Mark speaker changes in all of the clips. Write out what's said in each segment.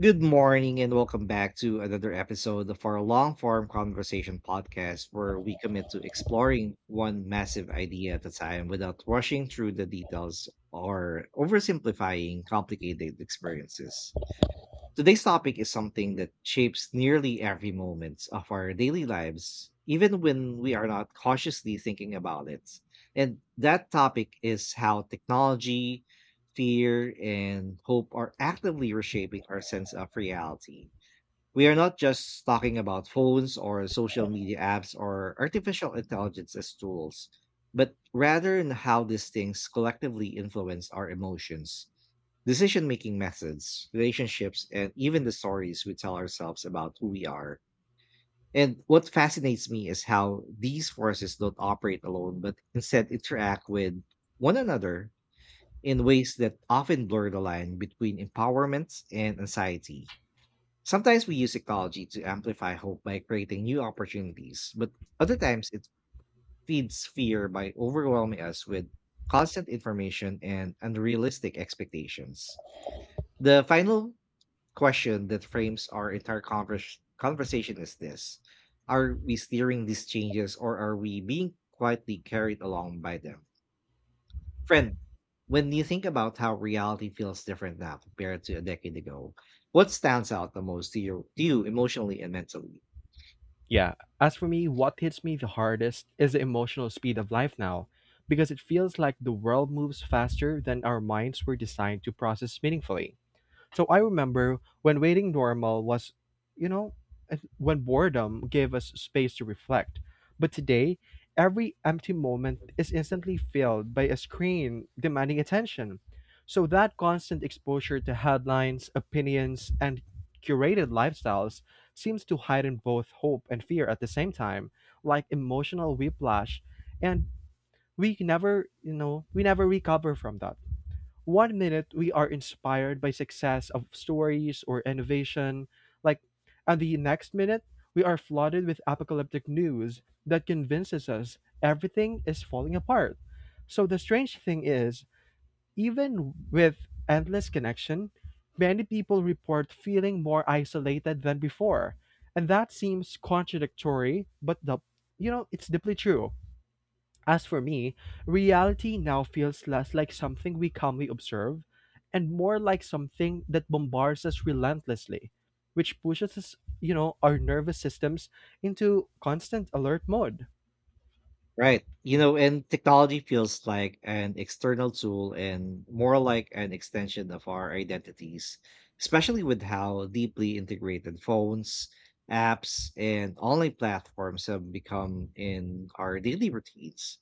Speaker 1: Good morning and welcome back to another episode of our long form conversation podcast where we commit to exploring one massive idea at a time without rushing through the details or oversimplifying complicated experiences. Today's topic is something that shapes nearly every moment of our daily lives, even when we are not consciously thinking about it. And that topic is how technology, fear, and hope are actively reshaping our sense of reality. We are not just talking about phones or social media apps or artificial intelligence as tools, but rather in how these things collectively influence our emotions, decision making methods, relationships, and even the stories we tell ourselves about who we are. And what fascinates me is how these forces don't operate alone, but instead interact with one another in ways that often blur the line between empowerment and anxiety. Sometimes we use technology to amplify hope by creating new opportunities, but other times it feeds fear by overwhelming us with constant information and unrealistic expectations. The final question that frames our entire conversation is this: are we steering these changes or are we being quietly carried along by them? Friend, when you think about how reality feels different now compared to a decade ago, what stands out the most to you emotionally and mentally?
Speaker 2: Yeah, as for me, what hits me the hardest is the emotional speed of life now, because it feels like the world moves faster than our minds were designed to process meaningfully. So I remember when waiting normal was, you know, when boredom gave us space to reflect. But today, every empty moment is instantly filled by a screen demanding attention. So that constant exposure to headlines, opinions, and curated lifestyles seems to heighten both hope and fear at the same time, like emotional whiplash. And we can never, you know, we never recover from that. One minute we are inspired by success of stories or innovation, like, and the next minute we are flooded with apocalyptic news that convinces us everything is falling apart. So the strange thing is, even with endless connection, many people report feeling more isolated than before, and that seems contradictory, but the you know it's deeply true. As for me, reality now feels less like something we calmly observe and more like something that bombards us relentlessly, which pushes us, our nervous systems into constant alert mode.
Speaker 1: Right. You know, and technology feels like an external tool and more like an extension of our identities, especially with how deeply integrated phones, apps, and online platforms have become in our daily routines.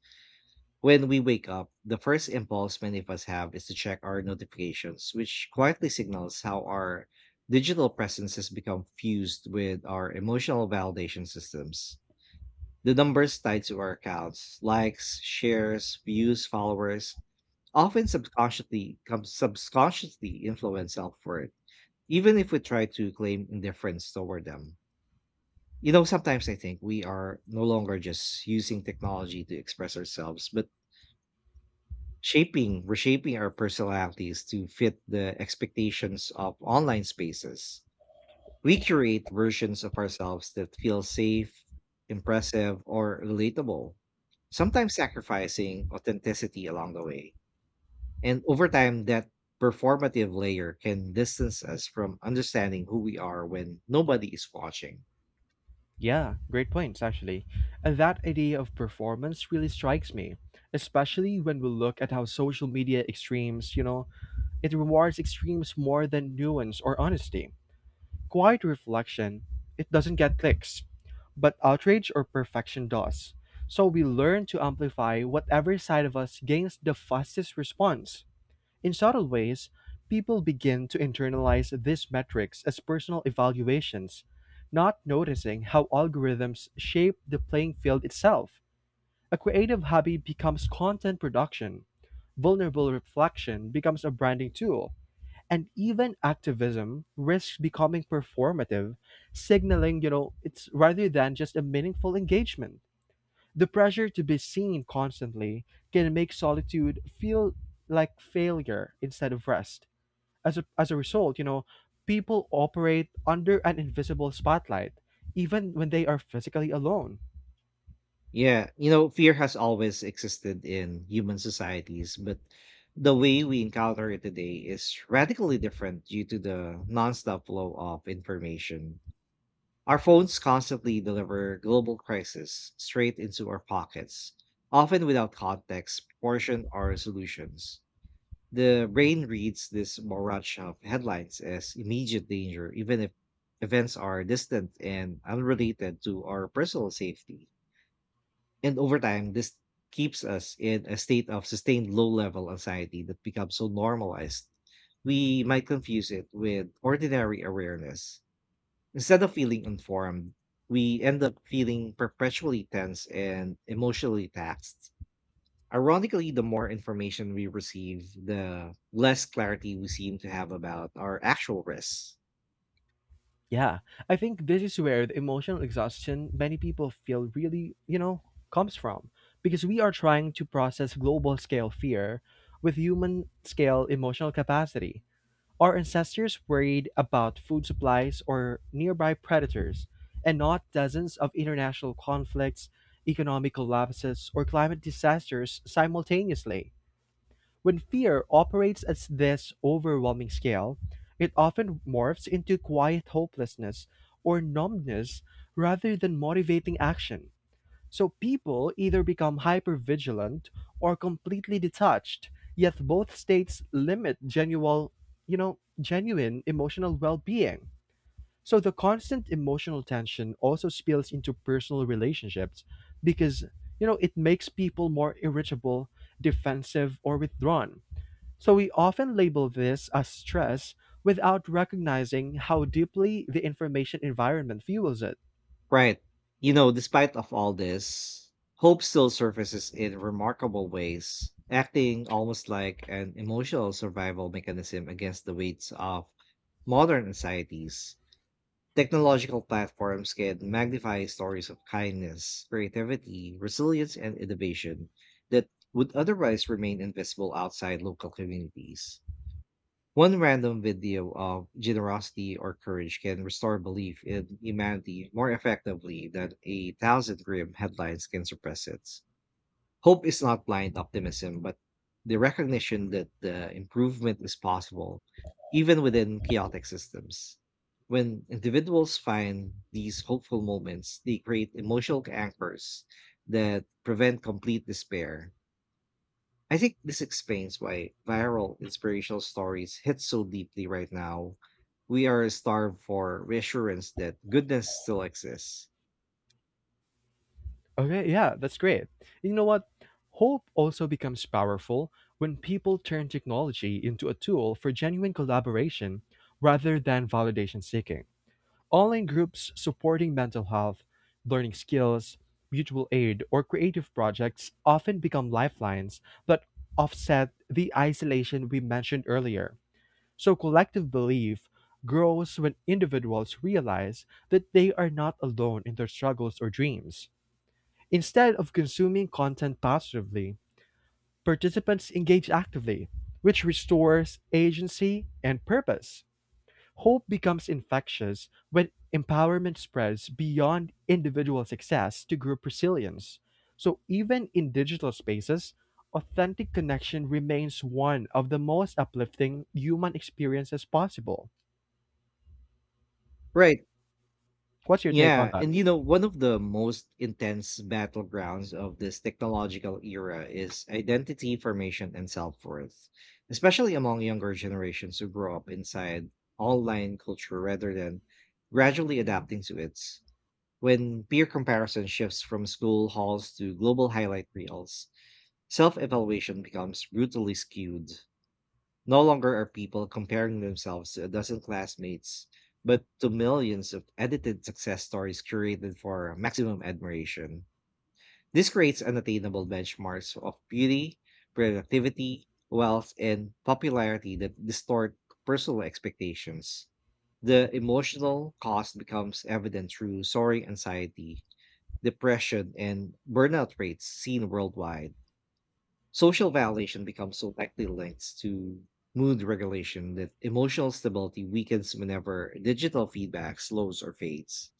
Speaker 1: When we wake up, the first impulse many of us have is to check our notifications, which quietly signals how our digital presence has become fused with our emotional validation systems. The numbers tied to our accounts, likes, shares, views, followers, often subconsciously influence self-worth, even if we try to claim indifference toward them. You know, sometimes I think we are no longer just using technology to express ourselves, but reshaping our personalities to fit the expectations of online spaces. We create versions of ourselves that feel safe, impressive, or relatable, sometimes sacrificing authenticity along the way. And over time, that performative layer can distance us from understanding who we are when nobody is watching.
Speaker 2: Yeah, great points, actually. And that idea of performance really strikes me, especially when we look at how social media extremes, it rewards extremes more than nuance or honesty. Quiet reflection, it doesn't get clicks, but outrage or perfection does. So we learn to amplify whatever side of us gains the fastest response. In subtle ways, people begin to internalize these metrics as personal evaluations, not noticing how algorithms shape the playing field itself. A creative hobby becomes content production, vulnerable reflection becomes a branding tool, and even activism risks becoming performative, signaling, you know, it's rather than just a meaningful engagement. The pressure to be seen constantly can make solitude feel like failure instead of rest. As a result, people operate under an invisible spotlight, even when they are physically alone.
Speaker 1: Yeah, you know, fear has always existed in human societies, but the way we encounter it today is radically different due to the nonstop flow of information. Our phones constantly deliver global crisis straight into our pockets, often without context, proportion, or solutions. The brain reads this barrage of headlines as immediate danger, even if events are distant and unrelated to our personal safety. And over time, this keeps us in a state of sustained low level anxiety that becomes so normalized. We might confuse it with ordinary awareness. Instead of feeling informed, we end up feeling perpetually tense and emotionally taxed. Ironically, the more information we receive, the less clarity we seem to have about our actual risks.
Speaker 2: Yeah, I think this is where the emotional exhaustion many people feel really comes from, because we are trying to process global scale fear with human scale emotional capacity. Our ancestors worried about food supplies or nearby predators and not dozens of international conflicts, economic collapses, or climate disasters simultaneously. When fear operates at this overwhelming scale, it often morphs into quiet hopelessness or numbness rather than motivating action. So people either become hypervigilant or completely detached, yet both states limit genuine emotional well-being. So the constant emotional tension also spills into personal relationships, because it makes people more irritable, defensive, or withdrawn. So we often label this as stress without recognizing how deeply the information environment fuels it.
Speaker 1: Right. You know, despite of all this, hope still surfaces in remarkable ways, acting almost like an emotional survival mechanism against the weights of modern anxieties. Technological platforms can magnify stories of kindness, creativity, resilience, and innovation that would otherwise remain invisible outside local communities. One random video of generosity or courage can restore belief in humanity more effectively than a thousand grim headlines can suppress it. Hope is not blind optimism, but the recognition that the improvement is possible, even within chaotic systems. When individuals find these hopeful moments, they create emotional anchors that prevent complete despair. I think this explains why viral inspirational stories hit so deeply right now. We are starved for reassurance that goodness still exists.
Speaker 2: Okay, yeah, that's great. You know what? Hope also becomes powerful when people turn technology into a tool for genuine collaboration rather than validation seeking. Online groups supporting mental health, learning skills, mutual aid, or creative projects often become lifelines that offset the isolation we mentioned earlier. So collective belief grows when individuals realize that they are not alone in their struggles or dreams. Instead of consuming content passively, participants engage actively, which restores agency and purpose. Hope becomes infectious when empowerment spreads beyond individual success to group resilience. So, even in digital spaces, authentic connection remains one of the most uplifting human experiences possible.
Speaker 1: Right.
Speaker 2: What's your take on
Speaker 1: Yeah,
Speaker 2: that?
Speaker 1: and you know, one of the most intense battlegrounds of this technological era is identity formation and self-worth, especially among younger generations who grow up inside online culture rather than gradually adapting to it. When peer comparison shifts from school halls to global highlight reels, self-evaluation becomes brutally skewed. No longer are people comparing themselves to a dozen classmates, but to millions of edited success stories curated for maximum admiration. This creates unattainable benchmarks of beauty, productivity, wealth, and popularity that distort personal expectations. The emotional cost becomes evident through soaring anxiety, depression, and burnout rates seen worldwide. Social validation becomes so tightly linked to mood regulation that emotional stability weakens whenever digital feedback slows or fades.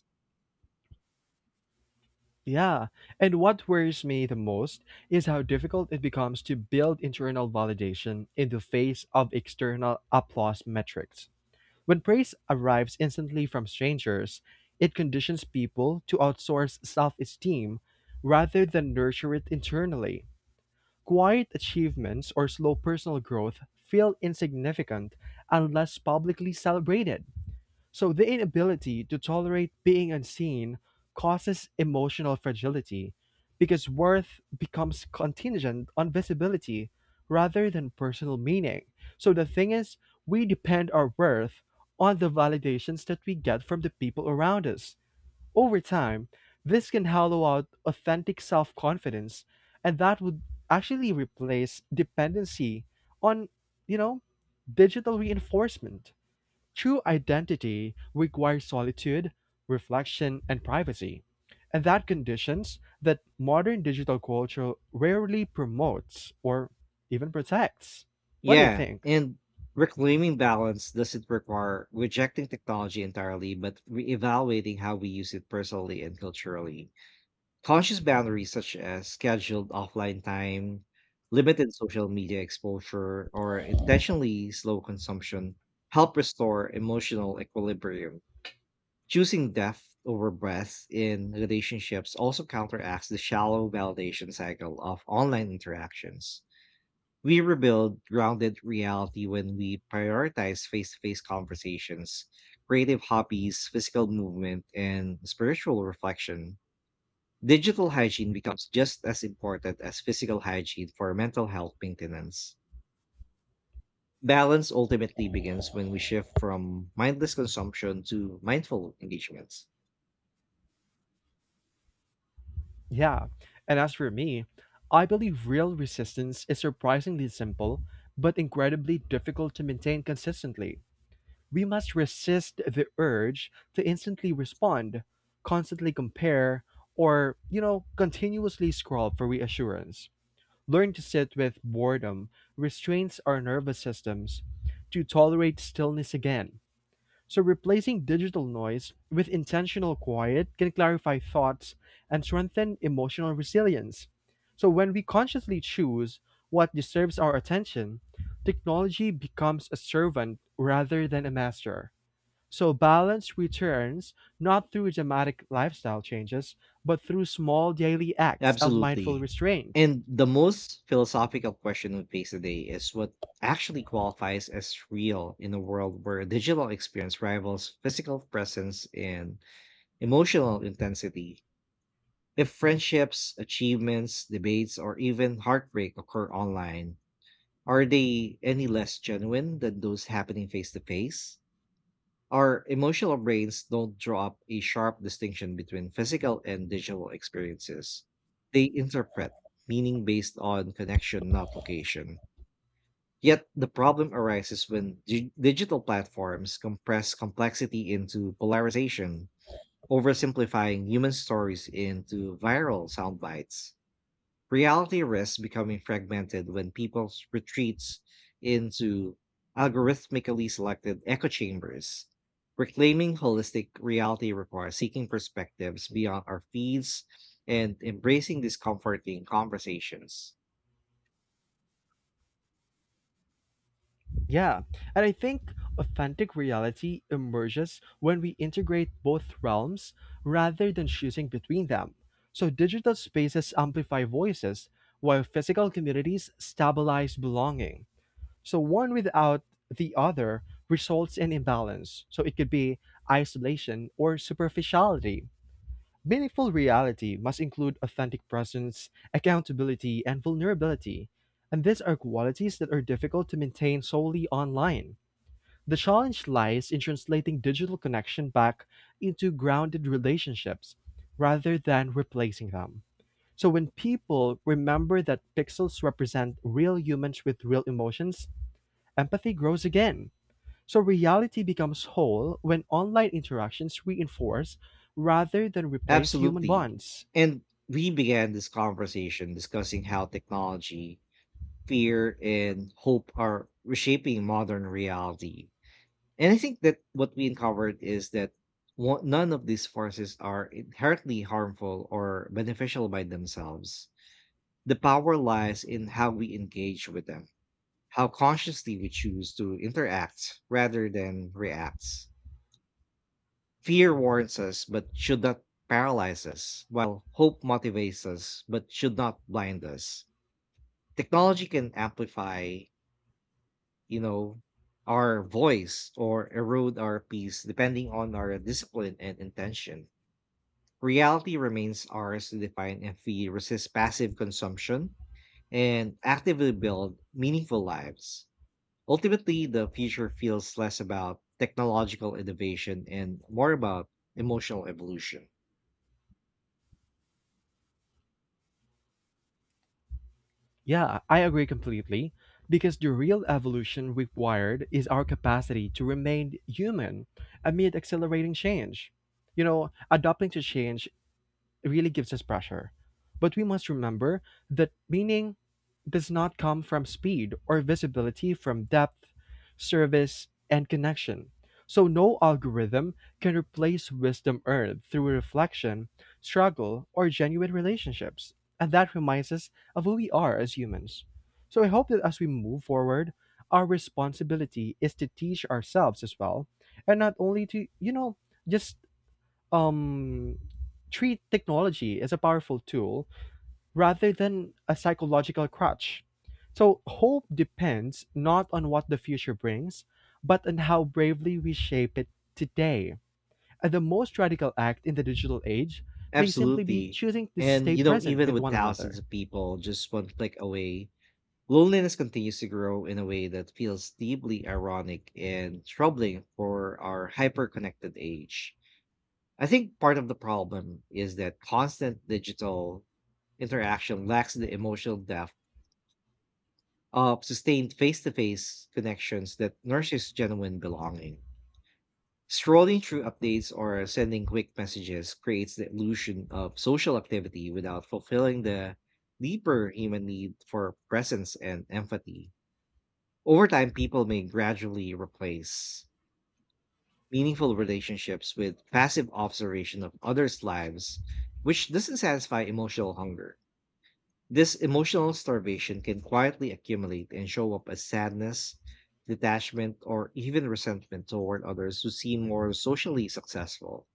Speaker 2: Yeah. And what worries me the most is how difficult it becomes to build internal validation in the face of external applause metrics. When praise arrives instantly from strangers, it conditions people to outsource self esteem rather than nurture it internally. Quiet achievements or slow personal growth feel insignificant unless publicly celebrated. So the inability to tolerate being unseen causes emotional fragility, because worth becomes contingent on visibility rather than personal meaning. So the thing is, we depend our worth on the validations that we get from the people around us. Over time, this can hollow out authentic self confidence, and that would actually replace dependency on, you know, digital reinforcement. True identity requires solitude, reflection, and privacy, and that conditions that modern digital culture rarely promotes or even protects. What do you
Speaker 1: Yeah,
Speaker 2: think?
Speaker 1: and reclaiming balance doesn't require rejecting technology entirely, but reevaluating how we use it personally and culturally. Conscious boundaries such as scheduled offline time, limited social media exposure, or intentionally slow consumption help restore emotional equilibrium. Choosing depth over breadth in relationships also counteracts the shallow validation cycle of online interactions. We rebuild grounded reality when we prioritize face to face conversations, creative hobbies, physical movement, and spiritual reflection. Digital hygiene becomes just as important as physical hygiene for mental health maintenance. Balance ultimately begins when we shift from mindless consumption to mindful engagements.
Speaker 2: Yeah, and as for me, I believe real resistance is surprisingly simple, but incredibly difficult to maintain consistently. We must resist the urge to instantly respond, constantly compare, or continuously scroll for reassurance. Learn to sit with boredom restrains our nervous systems to tolerate stillness again. So, replacing digital noise with intentional quiet can clarify thoughts and strengthen emotional resilience. So, when we consciously choose what deserves our attention, technology becomes a servant rather than a master. So, balance returns not through dramatic lifestyle changes, but through small daily acts of mindful
Speaker 1: Absolutely.
Speaker 2: restraint.
Speaker 1: And the most philosophical question we face today is what actually qualifies as real in a world where digital experience rivals physical presence in emotional intensity. If friendships, achievements, debates, or even heartbreak occur online, are they any less genuine than those happening face to face? Our emotional brains don't draw up a sharp distinction between physical and digital experiences. They interpret meaning based on connection, not location. Yet the problem arises when digital platforms compress complexity into polarization, oversimplifying human stories into viral sound bites. Reality risks becoming fragmented when people retreats into algorithmically selected echo chambers. Reclaiming holistic reality requires seeking perspectives beyond our feeds and embracing discomforting conversations.
Speaker 2: Yeah, and I think authentic reality emerges when we integrate both realms rather than choosing between them. So digital spaces amplify voices, while physical communities stabilize belonging. So one without the other results in imbalance. So it could be isolation or superficiality. Meaningful reality must include authentic presence, accountability, and vulnerability. And these are qualities that are difficult to maintain solely online. The challenge lies in translating digital connection back into grounded relationships rather than replacing them. So when people remember that pixels represent real humans with real emotions, empathy grows again. So reality becomes whole when online interactions reinforce rather than replace human
Speaker 1: Absolutely.
Speaker 2: bonds.
Speaker 1: And we began this conversation discussing how technology, fear, and hope are reshaping modern reality. And I think that what we uncovered is that, one, none of these forces are inherently harmful or beneficial by themselves. The power lies in how we engage with them, how consciously we choose to interact rather than react. Fear warns us but should not paralyze us, while hope motivates us but should not blind us. Technology can amplify, you know our voice, or erode our peace depending on our discipline and intention. Reality remains ours to define if we resist passive consumption and actively build meaningful lives. Ultimately the future feels less about technological innovation and more about emotional evolution.
Speaker 2: Yeah, I agree completely. Because the real evolution required is our capacity to remain human amid accelerating change. You know, adapting to change really gives us pressure. But we must remember that meaning does not come from speed or visibility, from depth, service, and connection. So, no algorithm can replace wisdom earned through reflection, struggle, or genuine relationships. And that reminds us of who we are as humans. So, I hope that as we move forward, our responsibility is to teach ourselves as well, and not only to just um, treat technology as a powerful tool rather than a psychological crutch. So, hope depends not on what the future brings, but on how bravely we shape it today. And the most radical act in the digital age may simply be
Speaker 1: Absolutely.
Speaker 2: choosing to
Speaker 1: And
Speaker 2: stay
Speaker 1: you know,
Speaker 2: present
Speaker 1: even
Speaker 2: with
Speaker 1: with
Speaker 2: one
Speaker 1: thousands
Speaker 2: another.
Speaker 1: of people just one click away, loneliness continues to grow in a way that feels deeply ironic and troubling for our hyper-connected age. I think part of the problem is that constant digital interaction lacks the emotional depth of sustained face-to-face connections that nurtures genuine belonging. Scrolling through updates or sending quick messages creates the illusion of social activity without fulfilling the deeper human need for presence and empathy. Over time, people may gradually replace meaningful relationships with passive observation of others' lives, which doesn't satisfy emotional hunger. This emotional starvation can quietly accumulate and show up as sadness, detachment, or even resentment toward others who seem more socially successful.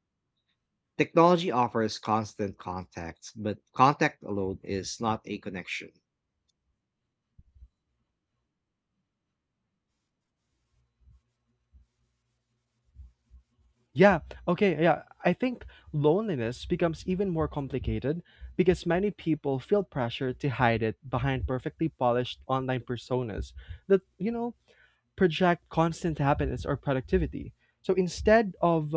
Speaker 1: Technology offers constant contact, but contact alone is not a connection.
Speaker 2: Yeah, okay, yeah. I think loneliness becomes even more complicated because many people feel pressure to hide it behind perfectly polished online personas that project constant happiness or productivity. So instead of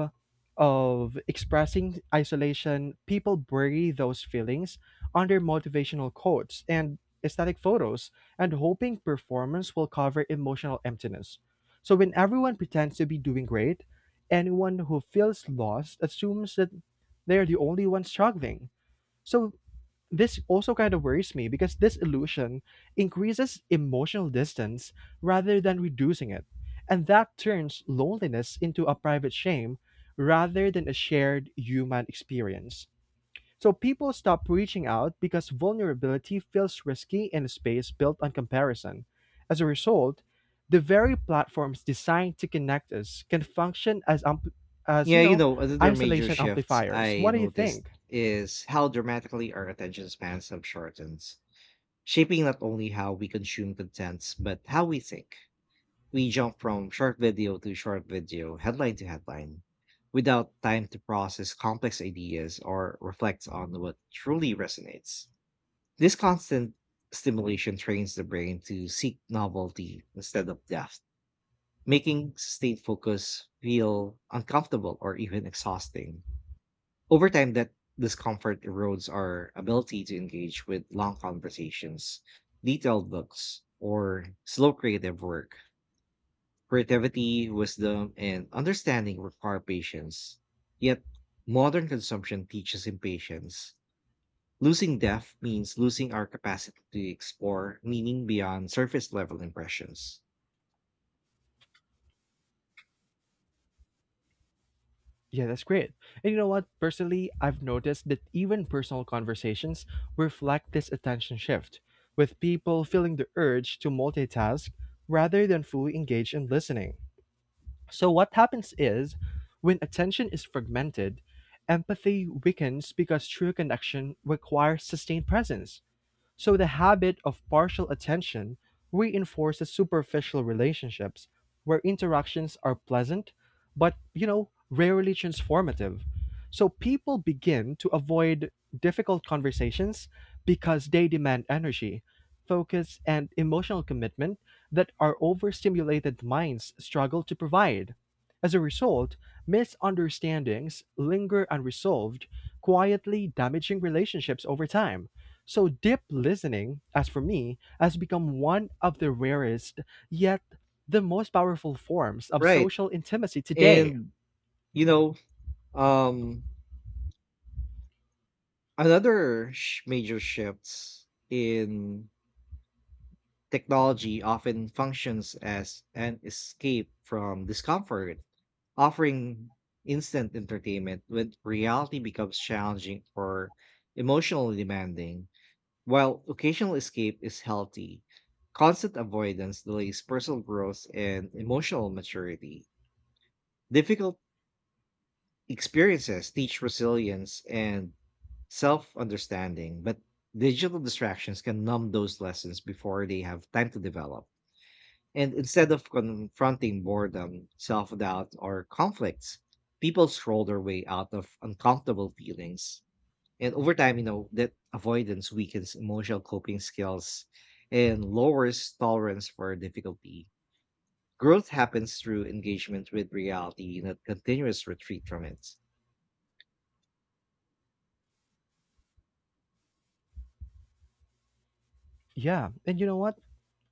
Speaker 2: of expressing isolation, people bury those feelings under motivational quotes and aesthetic photos and hoping performance will cover emotional emptiness. So when everyone pretends to be doing great, anyone who feels lost assumes that they're the only one struggling. So this also kind of worries me because this illusion increases emotional distance rather than reducing it. And that turns loneliness into a private shame rather than a shared human experience. So people stop reaching out because vulnerability feels risky in a space built on comparison. As a result, the very platforms designed to connect us can function as ampl- as you
Speaker 1: Yeah, you
Speaker 2: know,
Speaker 1: know, another major
Speaker 2: isolation
Speaker 1: shift
Speaker 2: amplifiers.
Speaker 1: I
Speaker 2: What do you
Speaker 1: noticed
Speaker 2: think?
Speaker 1: is how dramatically our attention spans have shortened, shaping not only how we consume content, but how we think. We jump from short video to short video, headline to headline, without time to process complex ideas or reflect on what truly resonates. This constant stimulation trains the brain to seek novelty instead of depth, making sustained focus feel uncomfortable or even exhausting. Over time, that discomfort erodes our ability to engage with long conversations, detailed books, or slow creative work. Creativity, wisdom, and understanding require patience. Yet, modern consumption teaches impatience. Losing depth means losing our capacity to explore meaning beyond surface level impressions.
Speaker 2: Yeah, that's great. And you know what? Personally, I've noticed that even personal conversations reflect this attention shift, with people feeling the urge to multitask rather than fully engage in listening. So, what happens is when attention is fragmented, empathy weakens because true connection requires sustained presence. So the habit of partial attention reinforces superficial relationships where interactions are pleasant but rarely transformative. So people begin to avoid difficult conversations because they demand energy, focus, and emotional commitment that our overstimulated minds struggle to provide. As a result, misunderstandings linger unresolved, quietly damaging relationships over time. So deep listening, as for me, has become one of the rarest yet the most powerful forms of
Speaker 1: Right.
Speaker 2: social intimacy today.
Speaker 1: And, you know, um, another major shift in technology often functions as an escape from discomfort, offering instant entertainment when reality becomes challenging or emotionally demanding. While occasional escape is healthy, constant avoidance delays personal growth and emotional maturity. Difficult experiences teach resilience and self understanding, but digital distractions can numb those lessons before they have time to develop. And instead of confronting boredom, self doubt, or conflicts, people scroll their way out of uncomfortable feelings. And over time, that avoidance weakens emotional coping skills and lowers tolerance for difficulty. Growth happens through engagement with reality, not continuous retreat from it.
Speaker 2: Yeah, and you know what?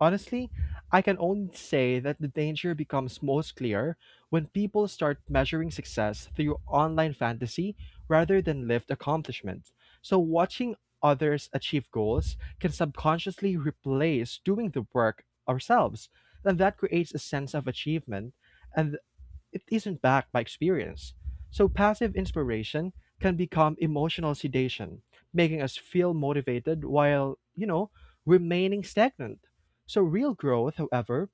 Speaker 2: Honestly, I can only say that the danger becomes most clear when people start measuring success through online fantasy rather than lived accomplishment. So, watching others achieve goals can subconsciously replace doing the work ourselves, and that creates a sense of achievement, and it isn't backed by experience. So passive inspiration can become emotional sedation, making us feel motivated while remaining stagnant. So real growth, however,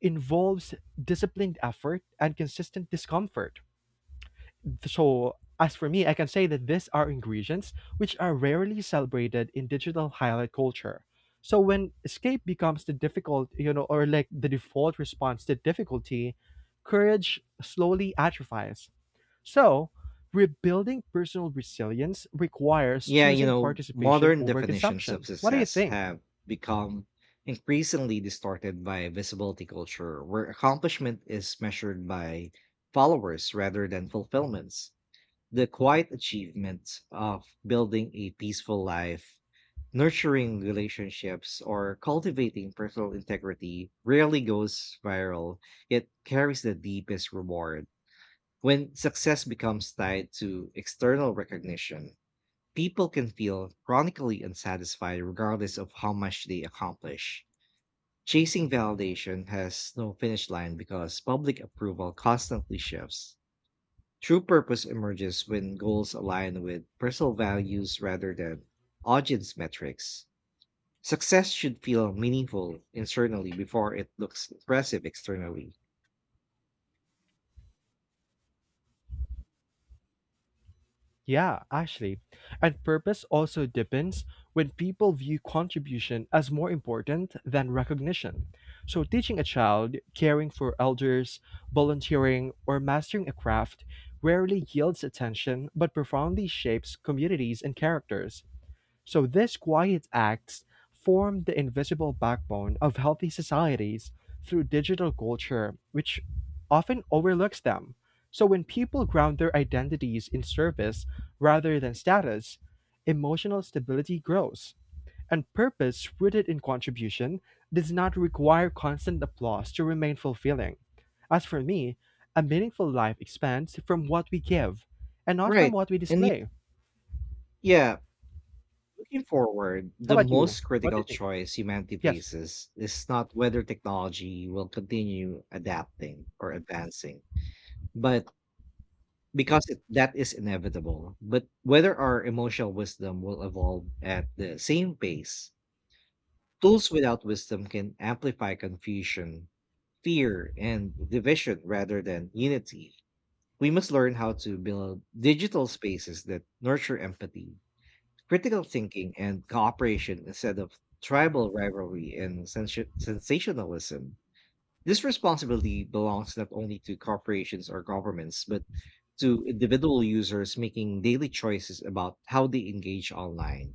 Speaker 2: involves disciplined effort and consistent discomfort. So, as for me, I can say that these are ingredients which are rarely celebrated in digital highlight culture. So, when escape becomes the difficult, or like the default response to difficulty, courage slowly atrophies. So, rebuilding personal resilience requires
Speaker 1: Yeah, you
Speaker 2: choosing
Speaker 1: know,
Speaker 2: participation
Speaker 1: modern
Speaker 2: over
Speaker 1: definitions of
Speaker 2: consumption. What do you
Speaker 1: success
Speaker 2: think?
Speaker 1: have become increasingly distorted by visibility culture, where accomplishment is measured by followers rather than fulfillments. The quiet achievement of building a peaceful life, nurturing relationships, or cultivating personal integrity rarely goes viral, yet carries the deepest reward. When success becomes tied to external recognition, people can feel chronically unsatisfied regardless of how much they accomplish. Chasing validation has no finish line because public approval constantly shifts. True purpose emerges when goals align with personal values rather than audience metrics. Success should feel meaningful internally before it looks impressive externally.
Speaker 2: Yeah, actually. And purpose also depends when people view contribution as more important than recognition. So, teaching a child, caring for elders, volunteering, or mastering a craft rarely yields attention but profoundly shapes communities and characters. So these quiet acts form the invisible backbone of healthy societies through digital culture, which often overlooks them. So when people ground their identities in service rather than status, emotional stability grows. And purpose rooted in contribution does not require constant applause to remain fulfilling. As for me, a meaningful life expands from what we give and not from
Speaker 1: Right.
Speaker 2: what we display.
Speaker 1: Yeah. Looking forward,
Speaker 2: How
Speaker 1: the
Speaker 2: about you?
Speaker 1: most
Speaker 2: What do
Speaker 1: critical
Speaker 2: you think?
Speaker 1: choice humanity
Speaker 2: Yes.
Speaker 1: faces is not whether technology will continue adapting or advancing, but that is inevitable, but whether our emotional wisdom will evolve at the same pace. Tools without wisdom can amplify confusion, fear, and division rather than unity. We must learn how to build digital spaces that nurture empathy, critical thinking, and cooperation instead of tribal rivalry and sensationalism. This responsibility belongs not only to corporations or governments, but to individual users making daily choices about how they engage online.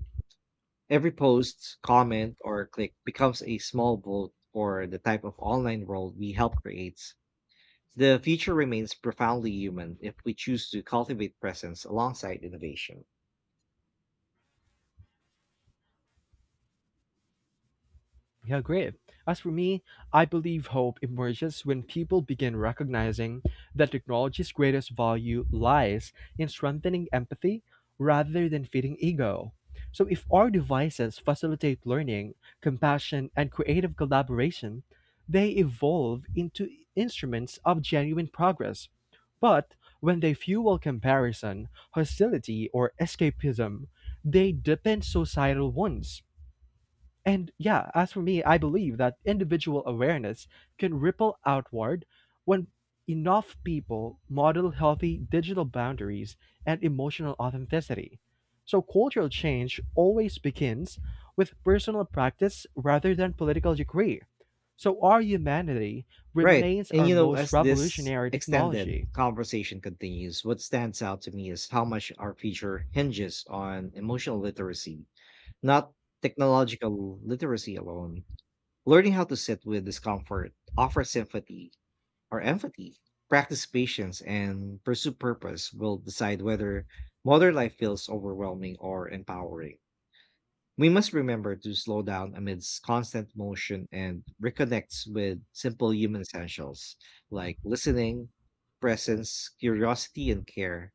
Speaker 1: Every post, comment, or click becomes a small vote for the type of online world we help create. The future remains profoundly human if we choose to cultivate presence alongside innovation.
Speaker 2: Yeah, great. As for me, I believe hope emerges when people begin recognizing that technology's greatest value lies in strengthening empathy rather than feeding ego. So, if our devices facilitate learning, compassion, and creative collaboration, they evolve into instruments of genuine progress. But when they fuel comparison, hostility, or escapism, they deepen societal wounds. And yeah, as for me, I believe that individual awareness can ripple outward when enough people model healthy digital boundaries and emotional authenticity. So cultural change always begins with personal practice rather than political decree. So our humanity
Speaker 1: Right.
Speaker 2: remains
Speaker 1: And
Speaker 2: our
Speaker 1: you know,
Speaker 2: most
Speaker 1: as this
Speaker 2: revolutionary
Speaker 1: extended
Speaker 2: technology.
Speaker 1: conversation continues, what stands out to me is how much our future hinges on emotional literacy, not technological literacy alone. Learning how to sit with discomfort, offer sympathy or empathy, practice patience, and pursue purpose will decide whether modern life feels overwhelming or empowering. We must remember to slow down amidst constant motion and reconnect with simple human essentials like listening, presence, curiosity, and care.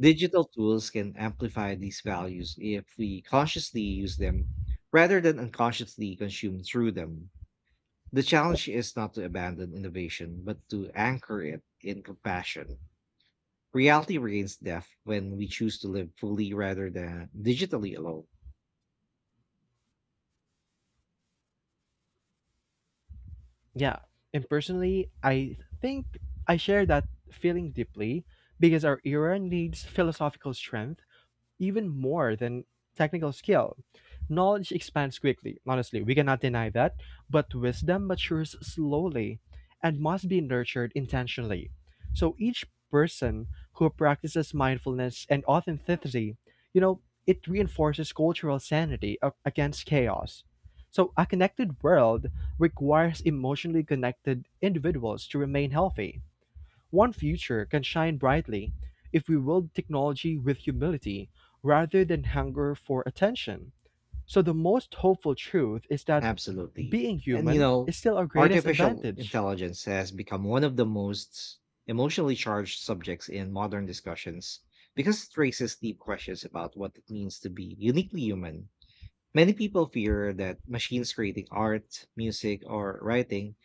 Speaker 1: Digital tools can amplify these values if we consciously use them rather than unconsciously consume through them. The challenge is not to abandon innovation, but to anchor it in compassion. Reality reigns death when we choose to live fully rather than digitally alone.
Speaker 2: Yeah, and personally, I think I share that feeling deeply because our era needs philosophical strength even more than technical skill. Knowledge expands quickly, honestly, we cannot deny that, but wisdom matures slowly and must be nurtured intentionally. So each person who practices mindfulness and authenticity, you know, it reinforces cultural sanity against chaos. So a connected world requires emotionally connected individuals to remain healthy. One future can shine brightly if we wield technology with humility rather than hunger for attention. So, the most hopeful truth is that
Speaker 1: Absolutely.
Speaker 2: being
Speaker 1: And you
Speaker 2: human
Speaker 1: know,
Speaker 2: is still our greatest
Speaker 1: artificial
Speaker 2: advantage.
Speaker 1: intelligence has become one of the most emotionally charged subjects in modern discussions because it raises deep questions about what it means to be uniquely human. Many people fear that machines creating art, music, or writing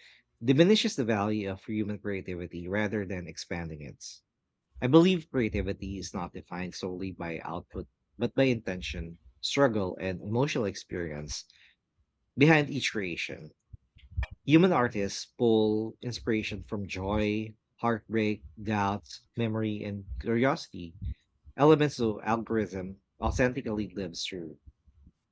Speaker 1: diminishes the value of human creativity rather than expanding it. I believe creativity is not defined solely by output, but by intention, struggle, and emotional experience behind each creation. Human artists pull inspiration from joy, heartbreak, doubts, memory, and curiosity, elements of algorithm authentically lives through.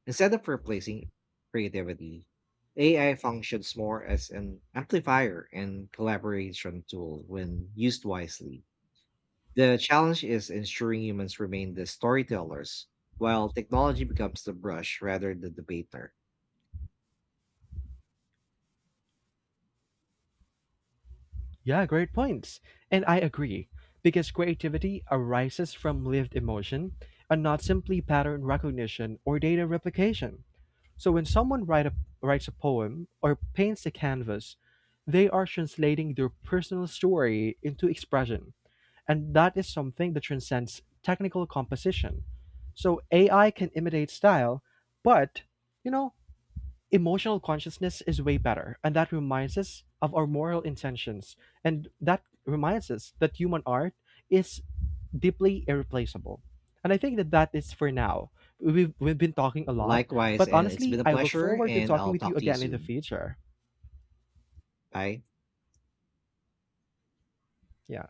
Speaker 1: Instead of replacing creativity, AI functions more as an amplifier and collaboration tool when used wisely. The challenge is ensuring humans remain the storytellers, while technology becomes the brush rather than the debater.
Speaker 2: Yeah, great points. And I agree, because creativity arises from lived emotion and not simply pattern recognition or data replication. So when someone writes a poem or paints a canvas, they are translating their personal story into expression. And that is something that transcends technical composition. So AI can imitate style, but, you know, emotional consciousness is way better. And that reminds us of our moral intentions. And that reminds us that human art is deeply irreplaceable. And I think that that is for now. We've been talking a lot,
Speaker 1: Likewise,
Speaker 2: but
Speaker 1: and it's
Speaker 2: honestly,
Speaker 1: been a
Speaker 2: I look
Speaker 1: pleasure,
Speaker 2: forward to
Speaker 1: and
Speaker 2: talking
Speaker 1: I'll
Speaker 2: with you
Speaker 1: talk to you
Speaker 2: again in the
Speaker 1: soon.
Speaker 2: future.
Speaker 1: Bye.
Speaker 2: Yeah.